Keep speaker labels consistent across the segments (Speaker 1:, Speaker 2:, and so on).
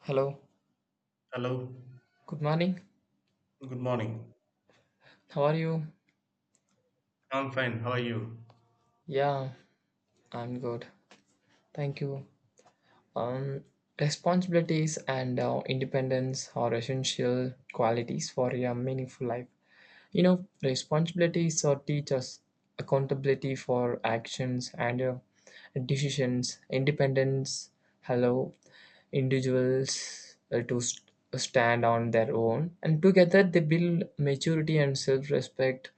Speaker 1: Hello.
Speaker 2: Hello,
Speaker 1: Good morning.
Speaker 2: good morning.
Speaker 1: How are you?
Speaker 2: I'm fine, how are you?
Speaker 1: Yeah, I'm good. Thank you. Um, Responsibilities and independence are essential qualities for a meaningful life. You know, responsibilities or teach us accountability for actions and decisions. Independence allow individuals to stand on their own, and together they build maturity and self-respect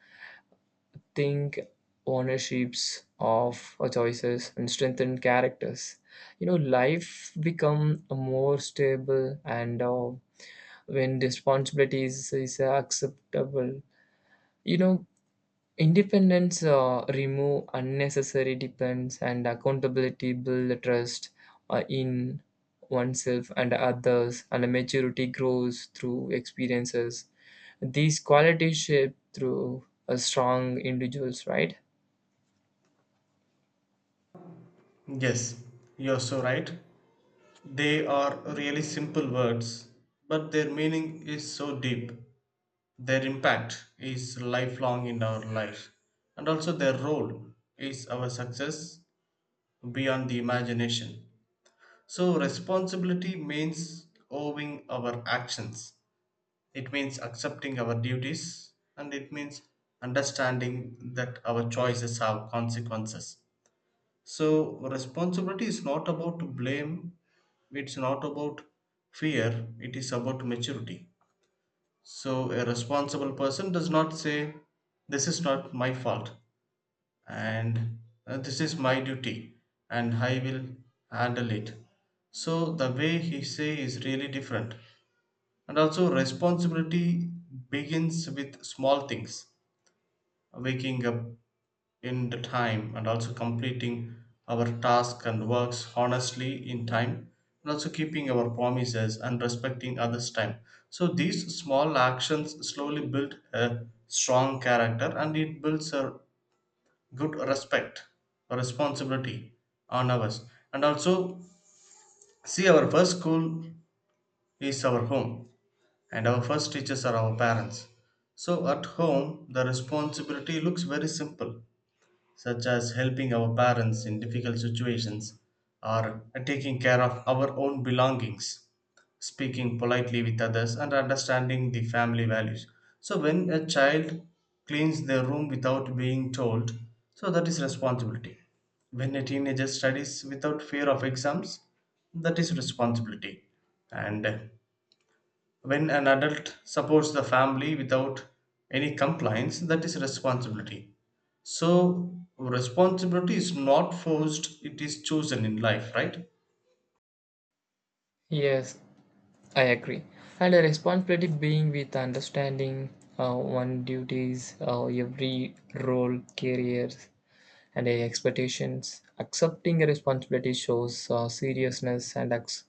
Speaker 1: think ownerships of our choices and strengthen characters, you know, life become more stable, and when responsibilities is acceptable, you know, independence remove unnecessary dependence and accountability build trust in oneself and others, and maturity grows through experiences. These qualities shape through a strong individuals, right?
Speaker 2: Yes, you're so right. They are really simple words, but their meaning is so deep. Their impact is lifelong in our life, and also their role is our success beyond the imagination. So, responsibility means owing our actions, it means accepting our duties, and it means understanding that our choices have consequences. So, responsibility is not about blame, it's not about fear, it is about maturity. So, a responsible person does not say, "This is not my fault," and "This is my duty, and I will handle it." So, the way he say is really different. And also, responsibility begins with small things, waking up in the time, and also completing our tasks and works honestly in time, and also keeping our promises and respecting others time. So these small actions slowly build a strong character, and it builds a good respect or responsibility on us. And also, see, our first school is our home, and our first teachers are our parents. So at home, the responsibility looks very simple, such as helping our parents in difficult situations or taking care of our own belongings, speaking politely with others, and understanding the family values. So, when a child cleans their room without being told, so that is responsibility. When a teenager studies without fear of exams, that is responsibility. And when an adult supports the family without any compliance, that is responsibility. So responsibility is not forced, it is chosen in life, right?
Speaker 1: Yes, I agree. And a responsibility being with understanding one duties, every role, careers, and expectations. Accepting a responsibility shows seriousness and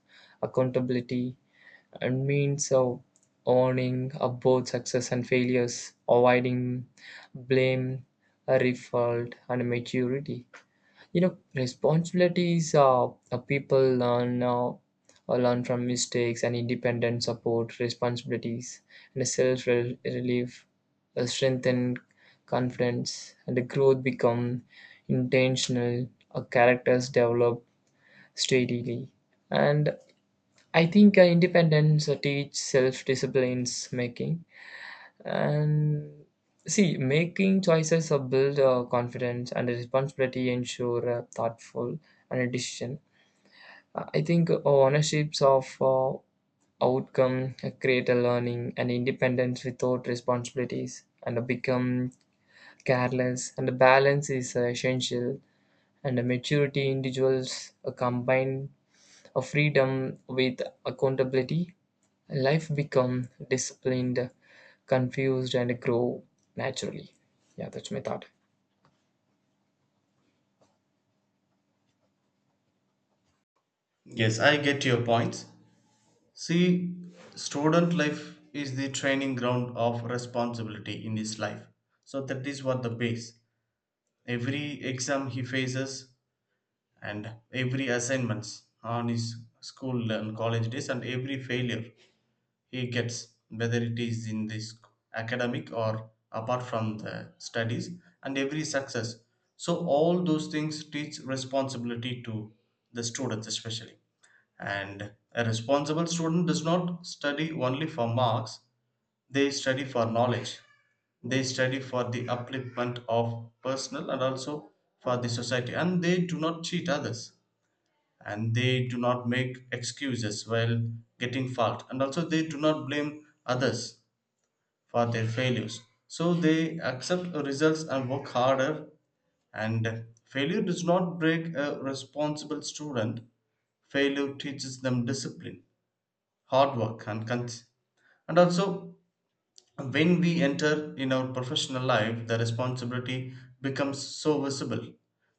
Speaker 1: accountability, and means of owning both success and failures, avoiding blame, fault, and maturity, you know, responsibilities people learn or learn from mistakes, and independent support responsibilities and self relief strengthen confidence, and the growth become intentional. Uh, characters develop steadily. And I think independence teach self disciplines making, and see making choices build confidence, and responsibility ensure a thoughtful and a decision. I think ownerships of uh, outcome create a learning, and independence without responsibilities and become careless, and the balance is essential, and the maturity individuals combined a freedom with accountability, life become disciplined, confused, and grow naturally. Yeah, that's my thought.
Speaker 2: Yes, I get your points. See, student life is the training ground of responsibility in his life. So that is what the base. Every exam he faces, and every assignments on his school and college days, and every failure he gets, whether it is in this academic or apart from the studies, and every success. So, all those things teach responsibility to the students, especially. And a responsible student does not study only for marks, they study for knowledge, they study for the upliftment of personal and also for the society, and they do not cheat others, and they do not make excuses while getting fault, and also they do not blame others for their failures. So they accept the results and work harder, and failure does not break a responsible student. Failure teaches them discipline, hard work, and and also, when we enter in our professional life, the responsibility becomes so visible.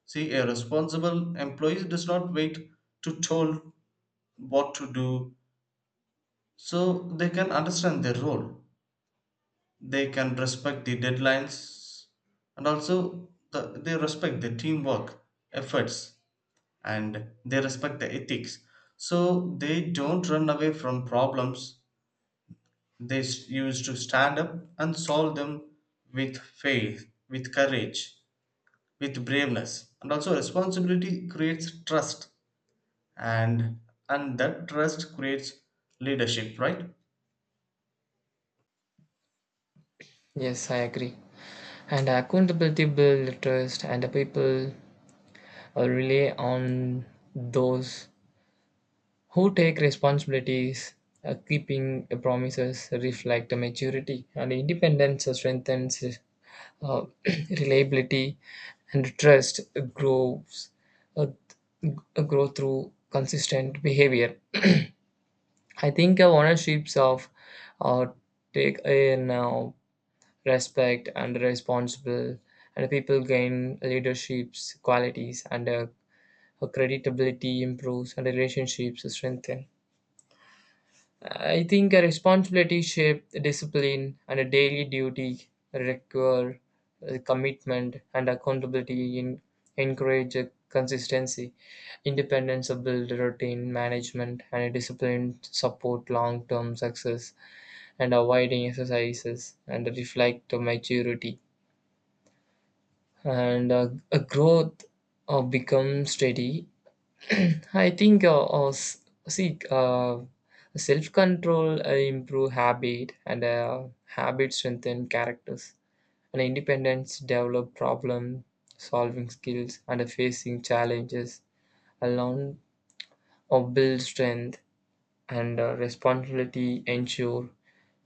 Speaker 2: See, a responsible employee does not wait to told what to do. So they can understand their role, they can respect the deadlines, and also they respect the teamwork efforts, and they respect the ethics. So they don't run away from problems, they used to stand up and solve them with faith, with courage, with braveness. And also, responsibility creates trust, and and that trust creates leadership, right?
Speaker 1: Yes, I agree. And accountability build trust, and the people rely on those who take responsibilities, keeping promises, reflect maturity, and independence strengthens uh, reliability and trust grows, uh, grow through consistent behavior. I think ownerships of uh, take in respect and responsible, and people gain leadership's qualities and credibility improves and relationships strengthen. I think a responsibility shaped discipline, and a daily duty require commitment, and accountability in encourage consistency. Independence build routine management, and a discipline support long-term success, and avoiding exercises and reflect maturity, and a growth become steady. I think see self control improve habit, and habit strengthen characters, and independence develop problem solving skills, and facing challenges alone or build strength, and responsibility ensure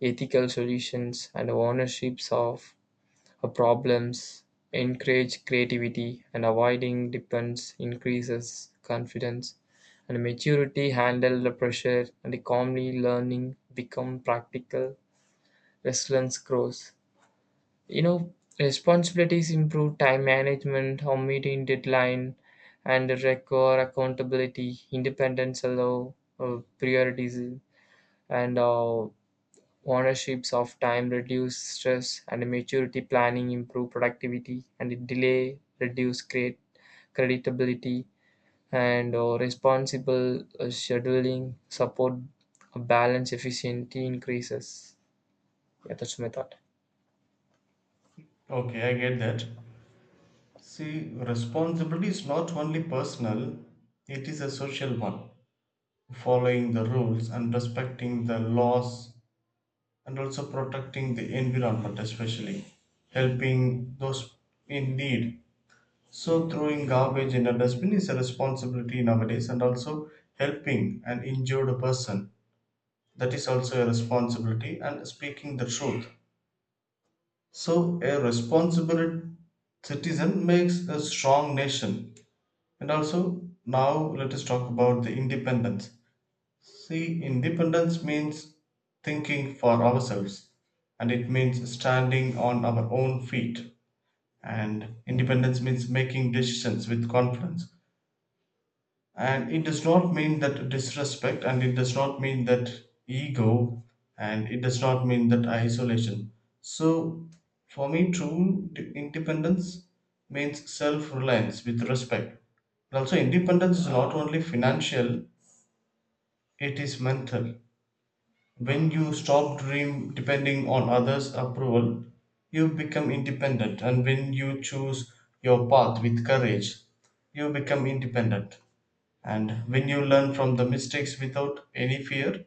Speaker 1: ethical solutions, and ownerships of problems, encourage creativity, and avoiding depends increases confidence and maturity. Handle the pressure and calmly learning become practical. Resilience grows. You know, responsibilities improve time management, how meeting deadline, and require accountability. Independence allow priorities, and ownership of time reduce stress, and maturity planning improve productivity, and delay reduce create creditability, and responsible scheduling support a balance efficiency increases. Yeah, that's my thought.
Speaker 2: Okay, I get that. See, responsibility is not only personal, it is a social one. Following the rules and respecting the laws, and also protecting the environment, especially helping those in need. So, throwing garbage in a dustbin is a responsibility nowadays, and also helping an injured person, that is also a responsibility, and speaking the truth. So, a responsible citizen makes a strong nation. And also, now let us talk about the independence. See, independence means thinking for ourselves, and it means standing on our own feet. And independence means making decisions with confidence, and it does not mean that disrespect, and it does not mean that ego, and it does not mean that isolation. So, for me, true independence means self reliance with respect. And also, independence is not only financial, it is mental. When you stop dream depending on others' approval, you become independent. And when you choose your path with courage, you become independent. And when you learn from the mistakes without any fear,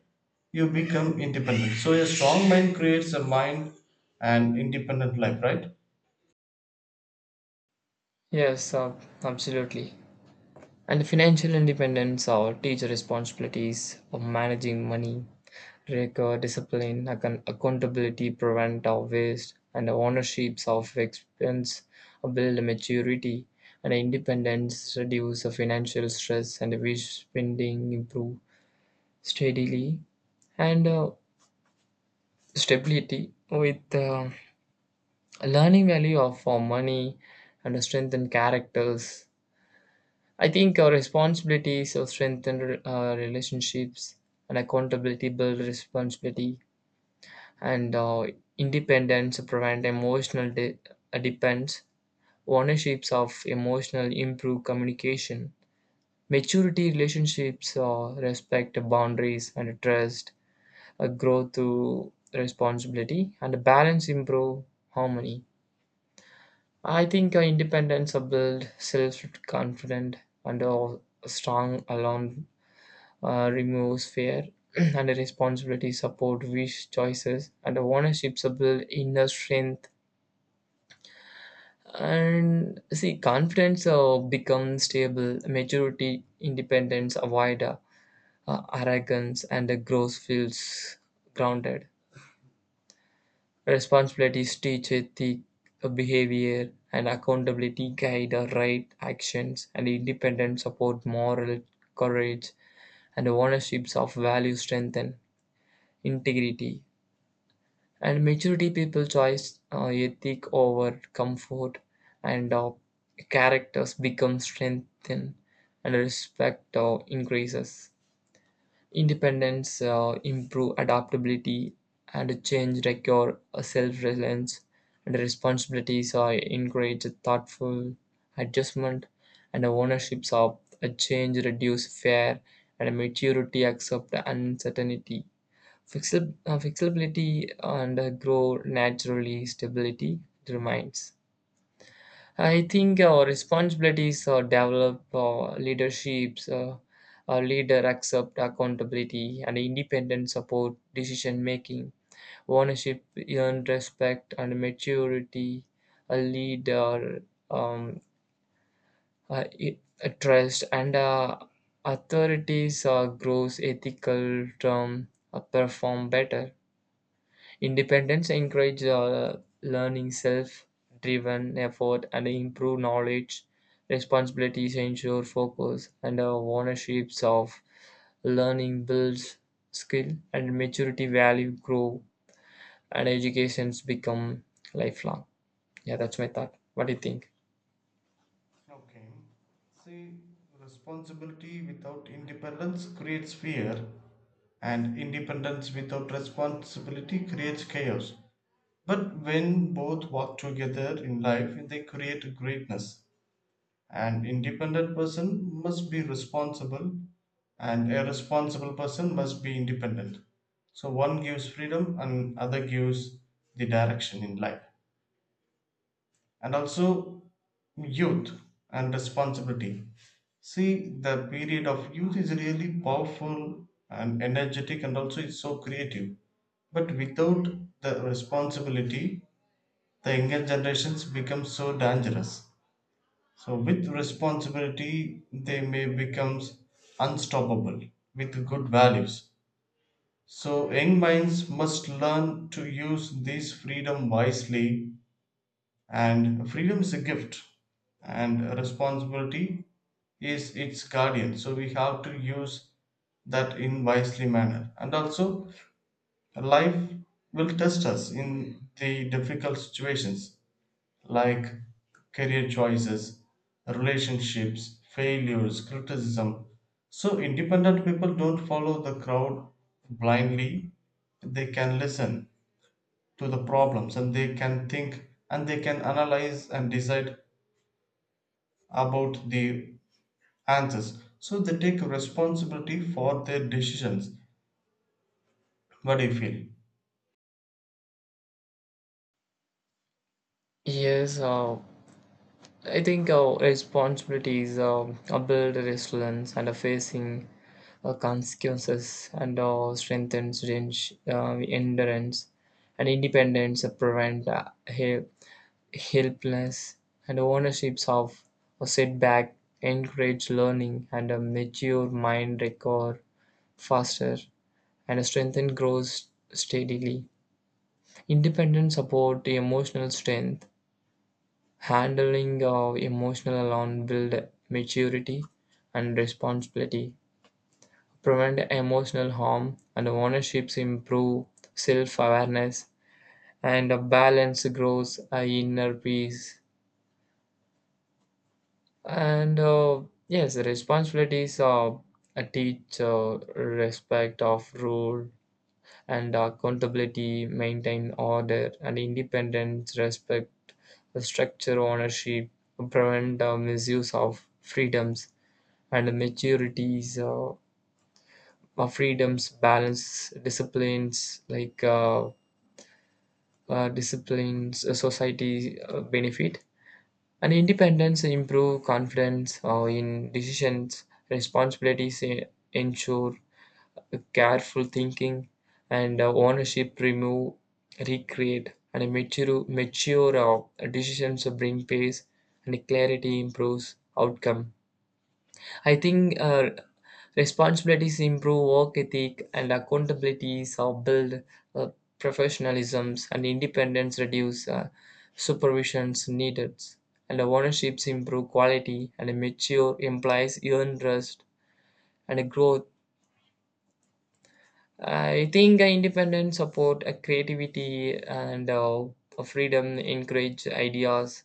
Speaker 2: you become independent. So a strong mind creates a mind and independent life, right?
Speaker 1: Yes, absolutely. And financial independence or teacher responsibilities of managing money, record discipline, accountability, prevent of waste, and ownerships of expense, build maturity and independence, reduce the financial stress, and wish spending improve steadily, and stability with learning value of money and strengthen characters. I think our responsibilities of strengthen relationships, and accountability build responsibility, and independence prevent emotional dependence. Ownerships of emotional improve communication. Maturity relationships respect boundaries, and trust grow through responsibility, and balance improve harmony. I think independence build self confident, and strong alone removes fear and responsibility, support wish choices, and ownerships to build inner strength. And see, confidence becomes stable, maturity, independence, avoid arrogance, and the growth feels grounded. Responsibilities teach ethic, behavior, and accountability guide our right actions, and independence support moral courage, and ownerships of value strengthen integrity. And maturity people choice ethic over comfort, and characters become strengthened, and respect increases. Independence improve adaptability, and change require self-reliance, and responsibilities are encourage thoughtful adjustment, and ownerships of a change reduce fear, and maturity accept uncertainty. Flexibility and grow naturally, stability remains. I think our responsibilities are develop leaderships, our leader accept accountability, and independent support decision making, ownership earned respect and maturity, a leader um, uh, i- a trust and authorities grows ethical term perform better. Independence encourages learning, self-driven effort, and improve knowledge. Responsibilities ensure focus, and ownerships of learning builds skill, and maturity value grow, and educations become lifelong. Yeah, that's my thought. What do you think?
Speaker 2: Okay, see, responsibility without independence creates fear, and independence without responsibility creates chaos. But when both work together in life, they create greatness. An independent person must be responsible, and a responsible person must be independent. So one gives freedom, and other gives the direction in life. And also, youth and responsibility. See, the period of youth is really powerful and energetic, and also it's so creative. But without the responsibility, the younger generations become so dangerous. So with responsibility, they may become unstoppable with good values. So young minds must learn to use this freedom wisely, and freedom is a gift, and responsibility is its guardian. So we have to use that in wisely manner. And also, life will test us in the difficult situations like career choices, relationships, failures, criticism. So, independent people don't follow the crowd blindly. They can listen to the problems, and they can think, and they can analyze and decide about the answers. So, they take responsibility for their decisions. What do you feel?
Speaker 1: Yes. I think our responsibilities are build resilience and are facing consequences, and strengthens range, endurance, and independence prevent helpless, and ownerships of a setback encourage learning, and a mature mind record faster, and a strengthen grows steadily. Independence support the emotional strength. Handling of emotional alarm build maturity and responsibility, prevent emotional harm, and ownerships improve self-awareness, and a balance grows a inner peace. And yes, responsibilities are a teach respect of rule and accountability, maintain order and independence, respect the structure ownership, prevent misuse of freedoms, and maturities freedoms balance disciplines like disciplines society benefit, and independence improve confidence in decisions. Responsibilities ensure careful thinking, and ownership remove recreate, and mature decisions bring pace, and clarity improves outcome. I think responsibilities improve work ethic, and accountabilities or build uh, professionalisms, and independence reduce supervisions needed, and ownerships improve quality, and mature implies earn trust and growth. I think independence support creativity, and freedom encourage ideas,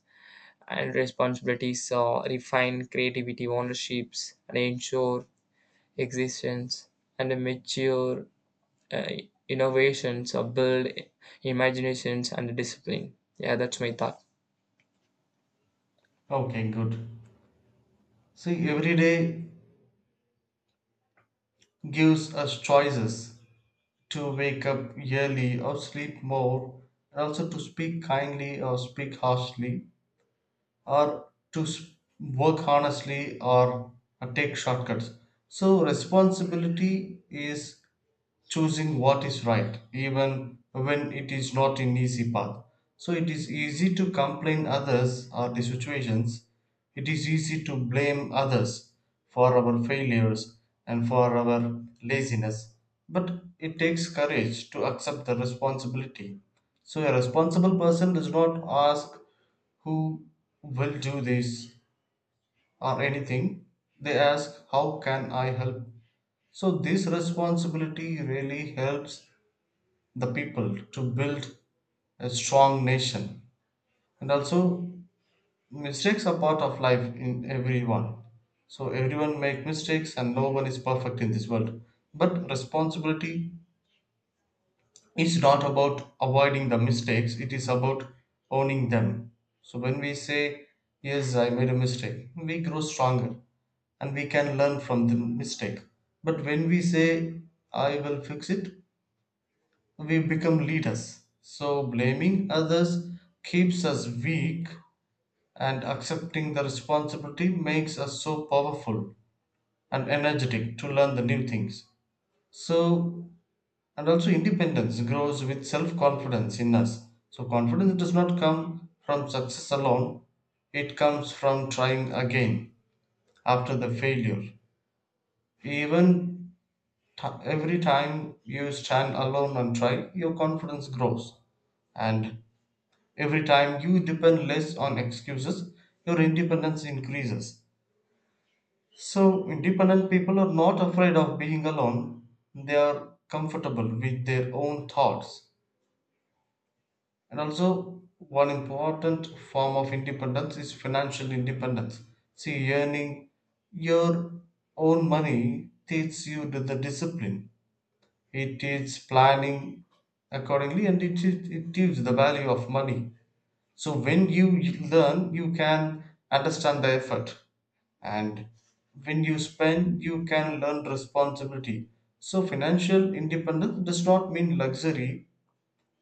Speaker 1: and responsibilities refine creativity ownerships, and ensure existence, and mature uh, innovations or build imaginations and discipline. Yeah, that's my thought.
Speaker 2: Okay, good. See, every day gives us choices to wake up early or sleep more, and also to speak kindly or speak harshly, or to work honestly or take shortcuts. So, responsibility is choosing what is right, even when it is not an easy path. So it is easy to complain others or the situations. It is easy to blame others for our failures and for our laziness. But it takes courage to accept the responsibility. So a responsible person does not ask who will do this or anything. They ask how can I help. So this responsibility really helps the people to build a strong nation. And also, mistakes are part of life in everyone. So everyone make mistakes, and no one is perfect in this world. But responsibility is not about avoiding the mistakes, it is about owning them. So when we say yes, I made a mistake, we grow stronger, and we can learn from the mistake. But when we say I will fix it, we become leaders. So, blaming others keeps us weak, and accepting the responsibility makes us so powerful and energetic to learn the new things. So, and also independence grows with self confidence in us. So, confidence does not come from success alone, it comes from trying again after the failure. Even every time you stand alone and try, your confidence grows. And every time you depend less on excuses, your independence increases. So, independent people are not afraid of being alone, they are comfortable with their own thoughts. And also, one important form of independence is financial independence. See, earning your own money teaches you the discipline, it teaches planning accordingly, and it gives the value of money. So when you learn, you can understand the effort, and when you spend, you can learn responsibility. So financial independence does not mean luxury,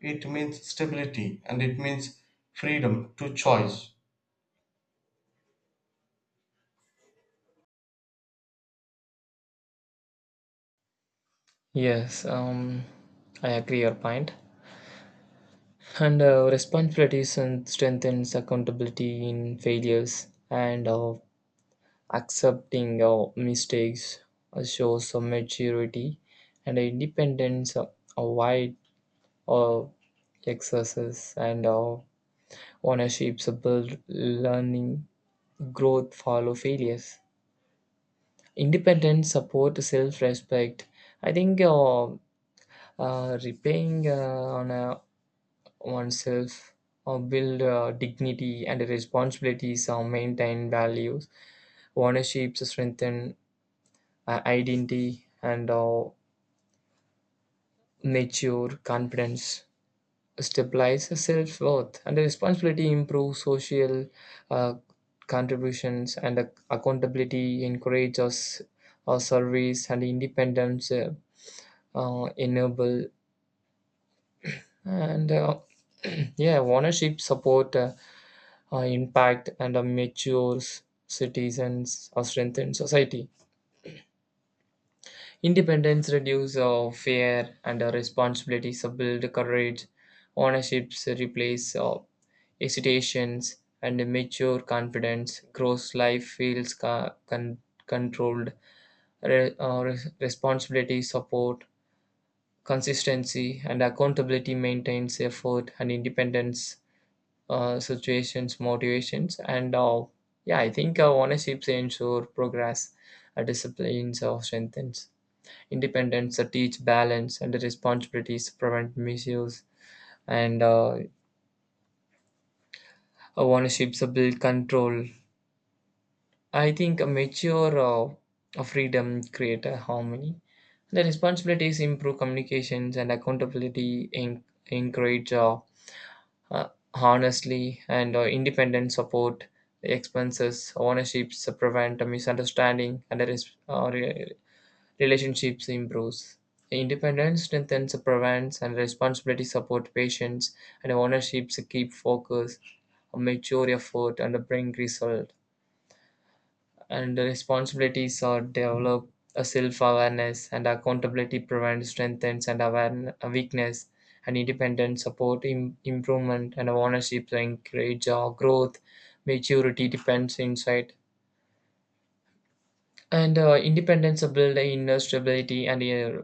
Speaker 2: it means stability, and it means freedom to choice.
Speaker 1: Yes, I agree your point. And responsibilities and strengthens accountability in failures, and accepting mistakes shows some maturity, and independence avoid uh, excesses, and ownerships build learning growth follow failures. Independence support self-respect. I think repaying on oneself or build dignity, and responsibilities or maintain values. Ownership strengthen identity, and mature confidence stabilize self-worth, and the responsibility improve social uh, contributions, and accountability encourage us our service, and independence enable, and yeah, ownership support impact, and matures citizens or strengthen society. Independence reduces fear, and responsibilities build courage. Ownerships replace hesitations and mature confidence. Grows life feels controlled. Responsibility support consistency, and accountability maintains effort, and independence situations motivations, and yeah, I think ownerships ensure progress, disciplines or strengthens independence, teach balance, and the responsibilities prevent misuse, and ownerships build control. I think a mature freedom create a harmony. The responsibilities improve communications, and accountability in encourage uh, honestly, and independent support expenses ownerships prevent a misunderstanding, and the relationships improves. Independence strengthens prevents, and responsibility support patients, and ownerships keep focus, a mature effort and bring result. And the responsibilities are develop a self-awareness, and accountability prevents strengthens and awareness, weakness, and independent support improvement, and ownership encourage our growth maturity depends insight. And independence build in stability, and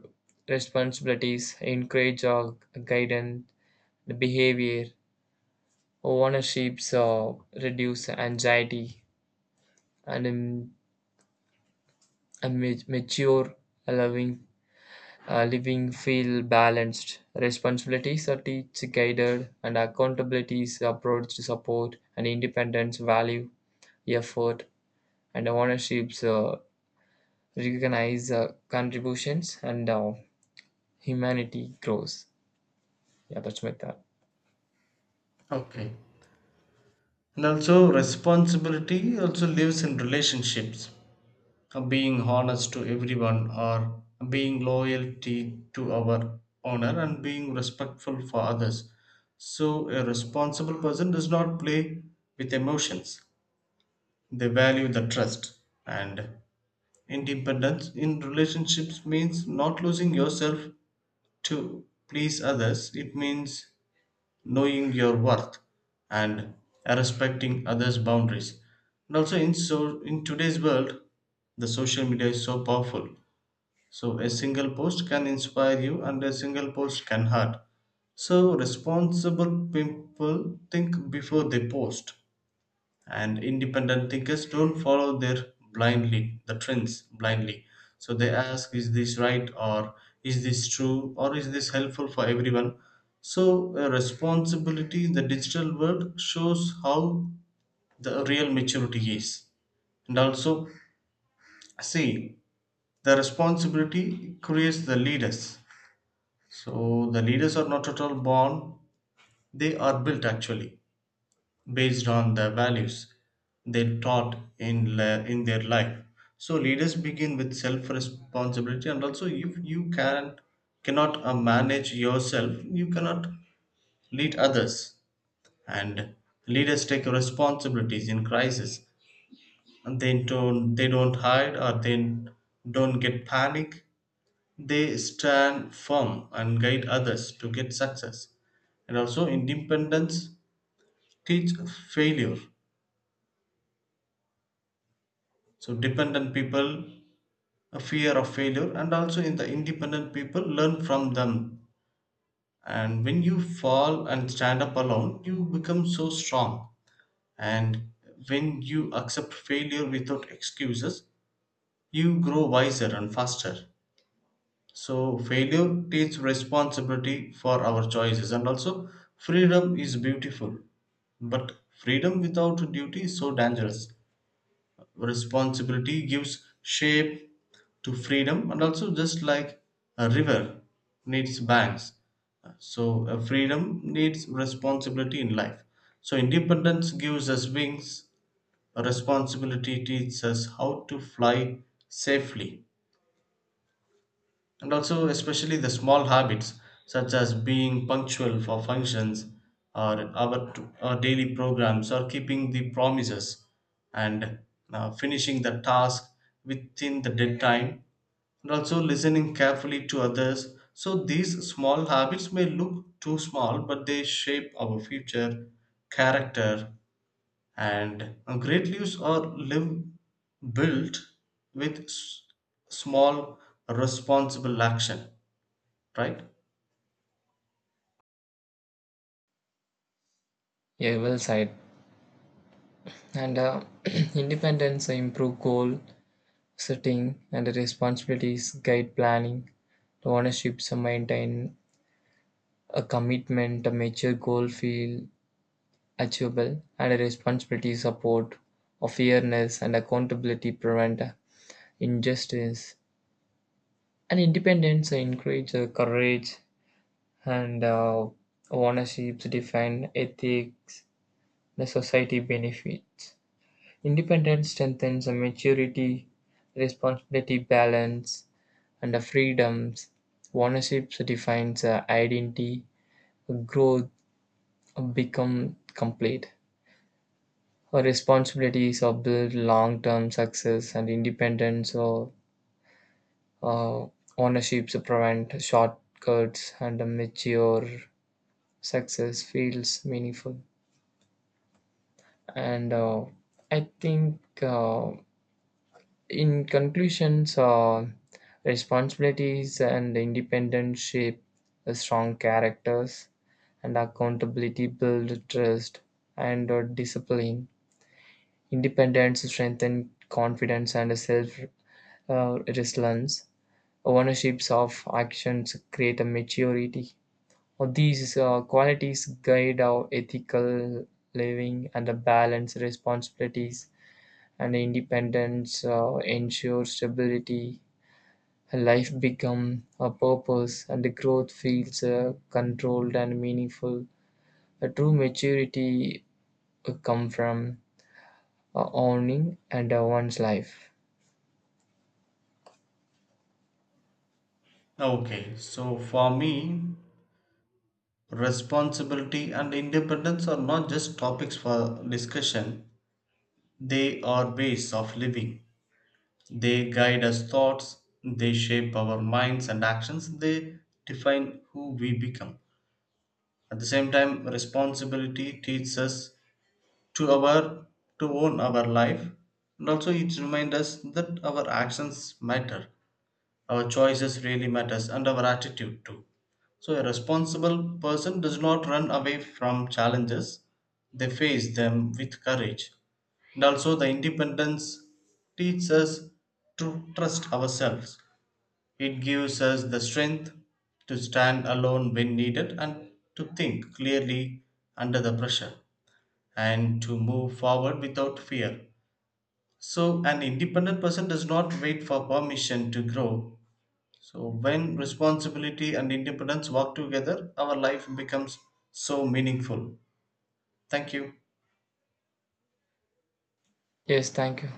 Speaker 1: responsibilities, encourage guidance, the behavior, ownerships reduce anxiety, and a mature, loving living feel balanced. Responsibilities are teach guided, and accountabilities approach to support, and independence value effort, and ownerships recognize contributions, and humanity grows. Yeah, that's better.
Speaker 2: Okay. And also responsibility also lives in relationships. Being honest to everyone, or being loyalty to our owner, and being respectful for others. So a responsible person does not play with emotions, they value the trust. And independence in relationships means not losing yourself to please others. It means knowing your worth and respecting others boundaries. And also, in so in today's world, the social media is so powerful. So a single post can inspire you, and a single post can hurt. So responsible people think before they post, and independent thinkers don't follow their blindly the trends blindly. So they ask, is this right, or is this true, or is this helpful for everyone? So a responsibility in the digital world shows how the real maturity is. And also, see, the responsibility creates the leaders. So the leaders are not at all born, they are built actually based on the values they taught in, in their life. So leaders begin with self responsibility, and also if you can cannot manage yourself, you cannot lead others. And leaders take responsibilities in crisis, and they don't hide, or they don't get panic. They stand firm and guide others to get success. And also independence teach failure. So dependent people a fear of failure, and also in the independent people learn from them. And when you fall and stand up alone, you become so strong. And when you accept failure without excuses, you grow wiser and faster. So failure teaches responsibility for our choices. And also freedom is beautiful. But freedom without duty is so dangerous. Responsibility gives shape to freedom. And also just like a river needs banks. So freedom needs responsibility in life. So independence gives us wings, responsibility teaches us how to fly safely. And also especially the small habits, such as being punctual for functions, or our, our daily programs, or keeping the promises, and finishing the task within the deadline, and also listening carefully to others. So these small habits may look too small, but they shape our future character. And great leaves are live built with small responsible action, right?
Speaker 1: Yeah, well said. And independence improve goal setting, and responsibilities, guide planning, the ownerships maintain a commitment, a mature goal feel achievable, and a responsibility support, of fairness and accountability prevent injustice. And independence encourage courage, and ownerships define ethics. The society benefits. Independence strengthens a maturity, responsibility, balance, and the freedoms. Ownership defines a identity, growth become complete. Our responsibilities are build long-term success, and independence or uh, ownerships prevent shortcuts, and a mature success feels meaningful. And I think in conclusions, responsibilities and independence shape a strong characters, and accountability build trust and discipline. Independence strengthen confidence and self resilience. Ownerships of actions create a maturity. These qualities guide our ethical living, and a balance responsibilities and independence ensure stability. Life becomes a purpose, and the growth feels controlled and meaningful. A true maturity come from owning and one's life.
Speaker 2: Okay, so for me, responsibility and independence are not just topics for discussion, they are ways of living. They guide us thoughts, they shape our minds and actions, they define who we become. At the same time, responsibility teaches us to our to own our life. And also it reminds us that our actions matter, our choices really matters, and our attitude too. So a responsible person does not run away from challenges, they face them with courage. And also the independence teaches us to trust ourselves. It gives us the strength to stand alone when needed, and to think clearly under the pressure, and to move forward without fear. So, an independent person does not wait for permission to grow. So, when responsibility and independence work together, our life becomes so meaningful. Thank you.
Speaker 1: Yes, thank you.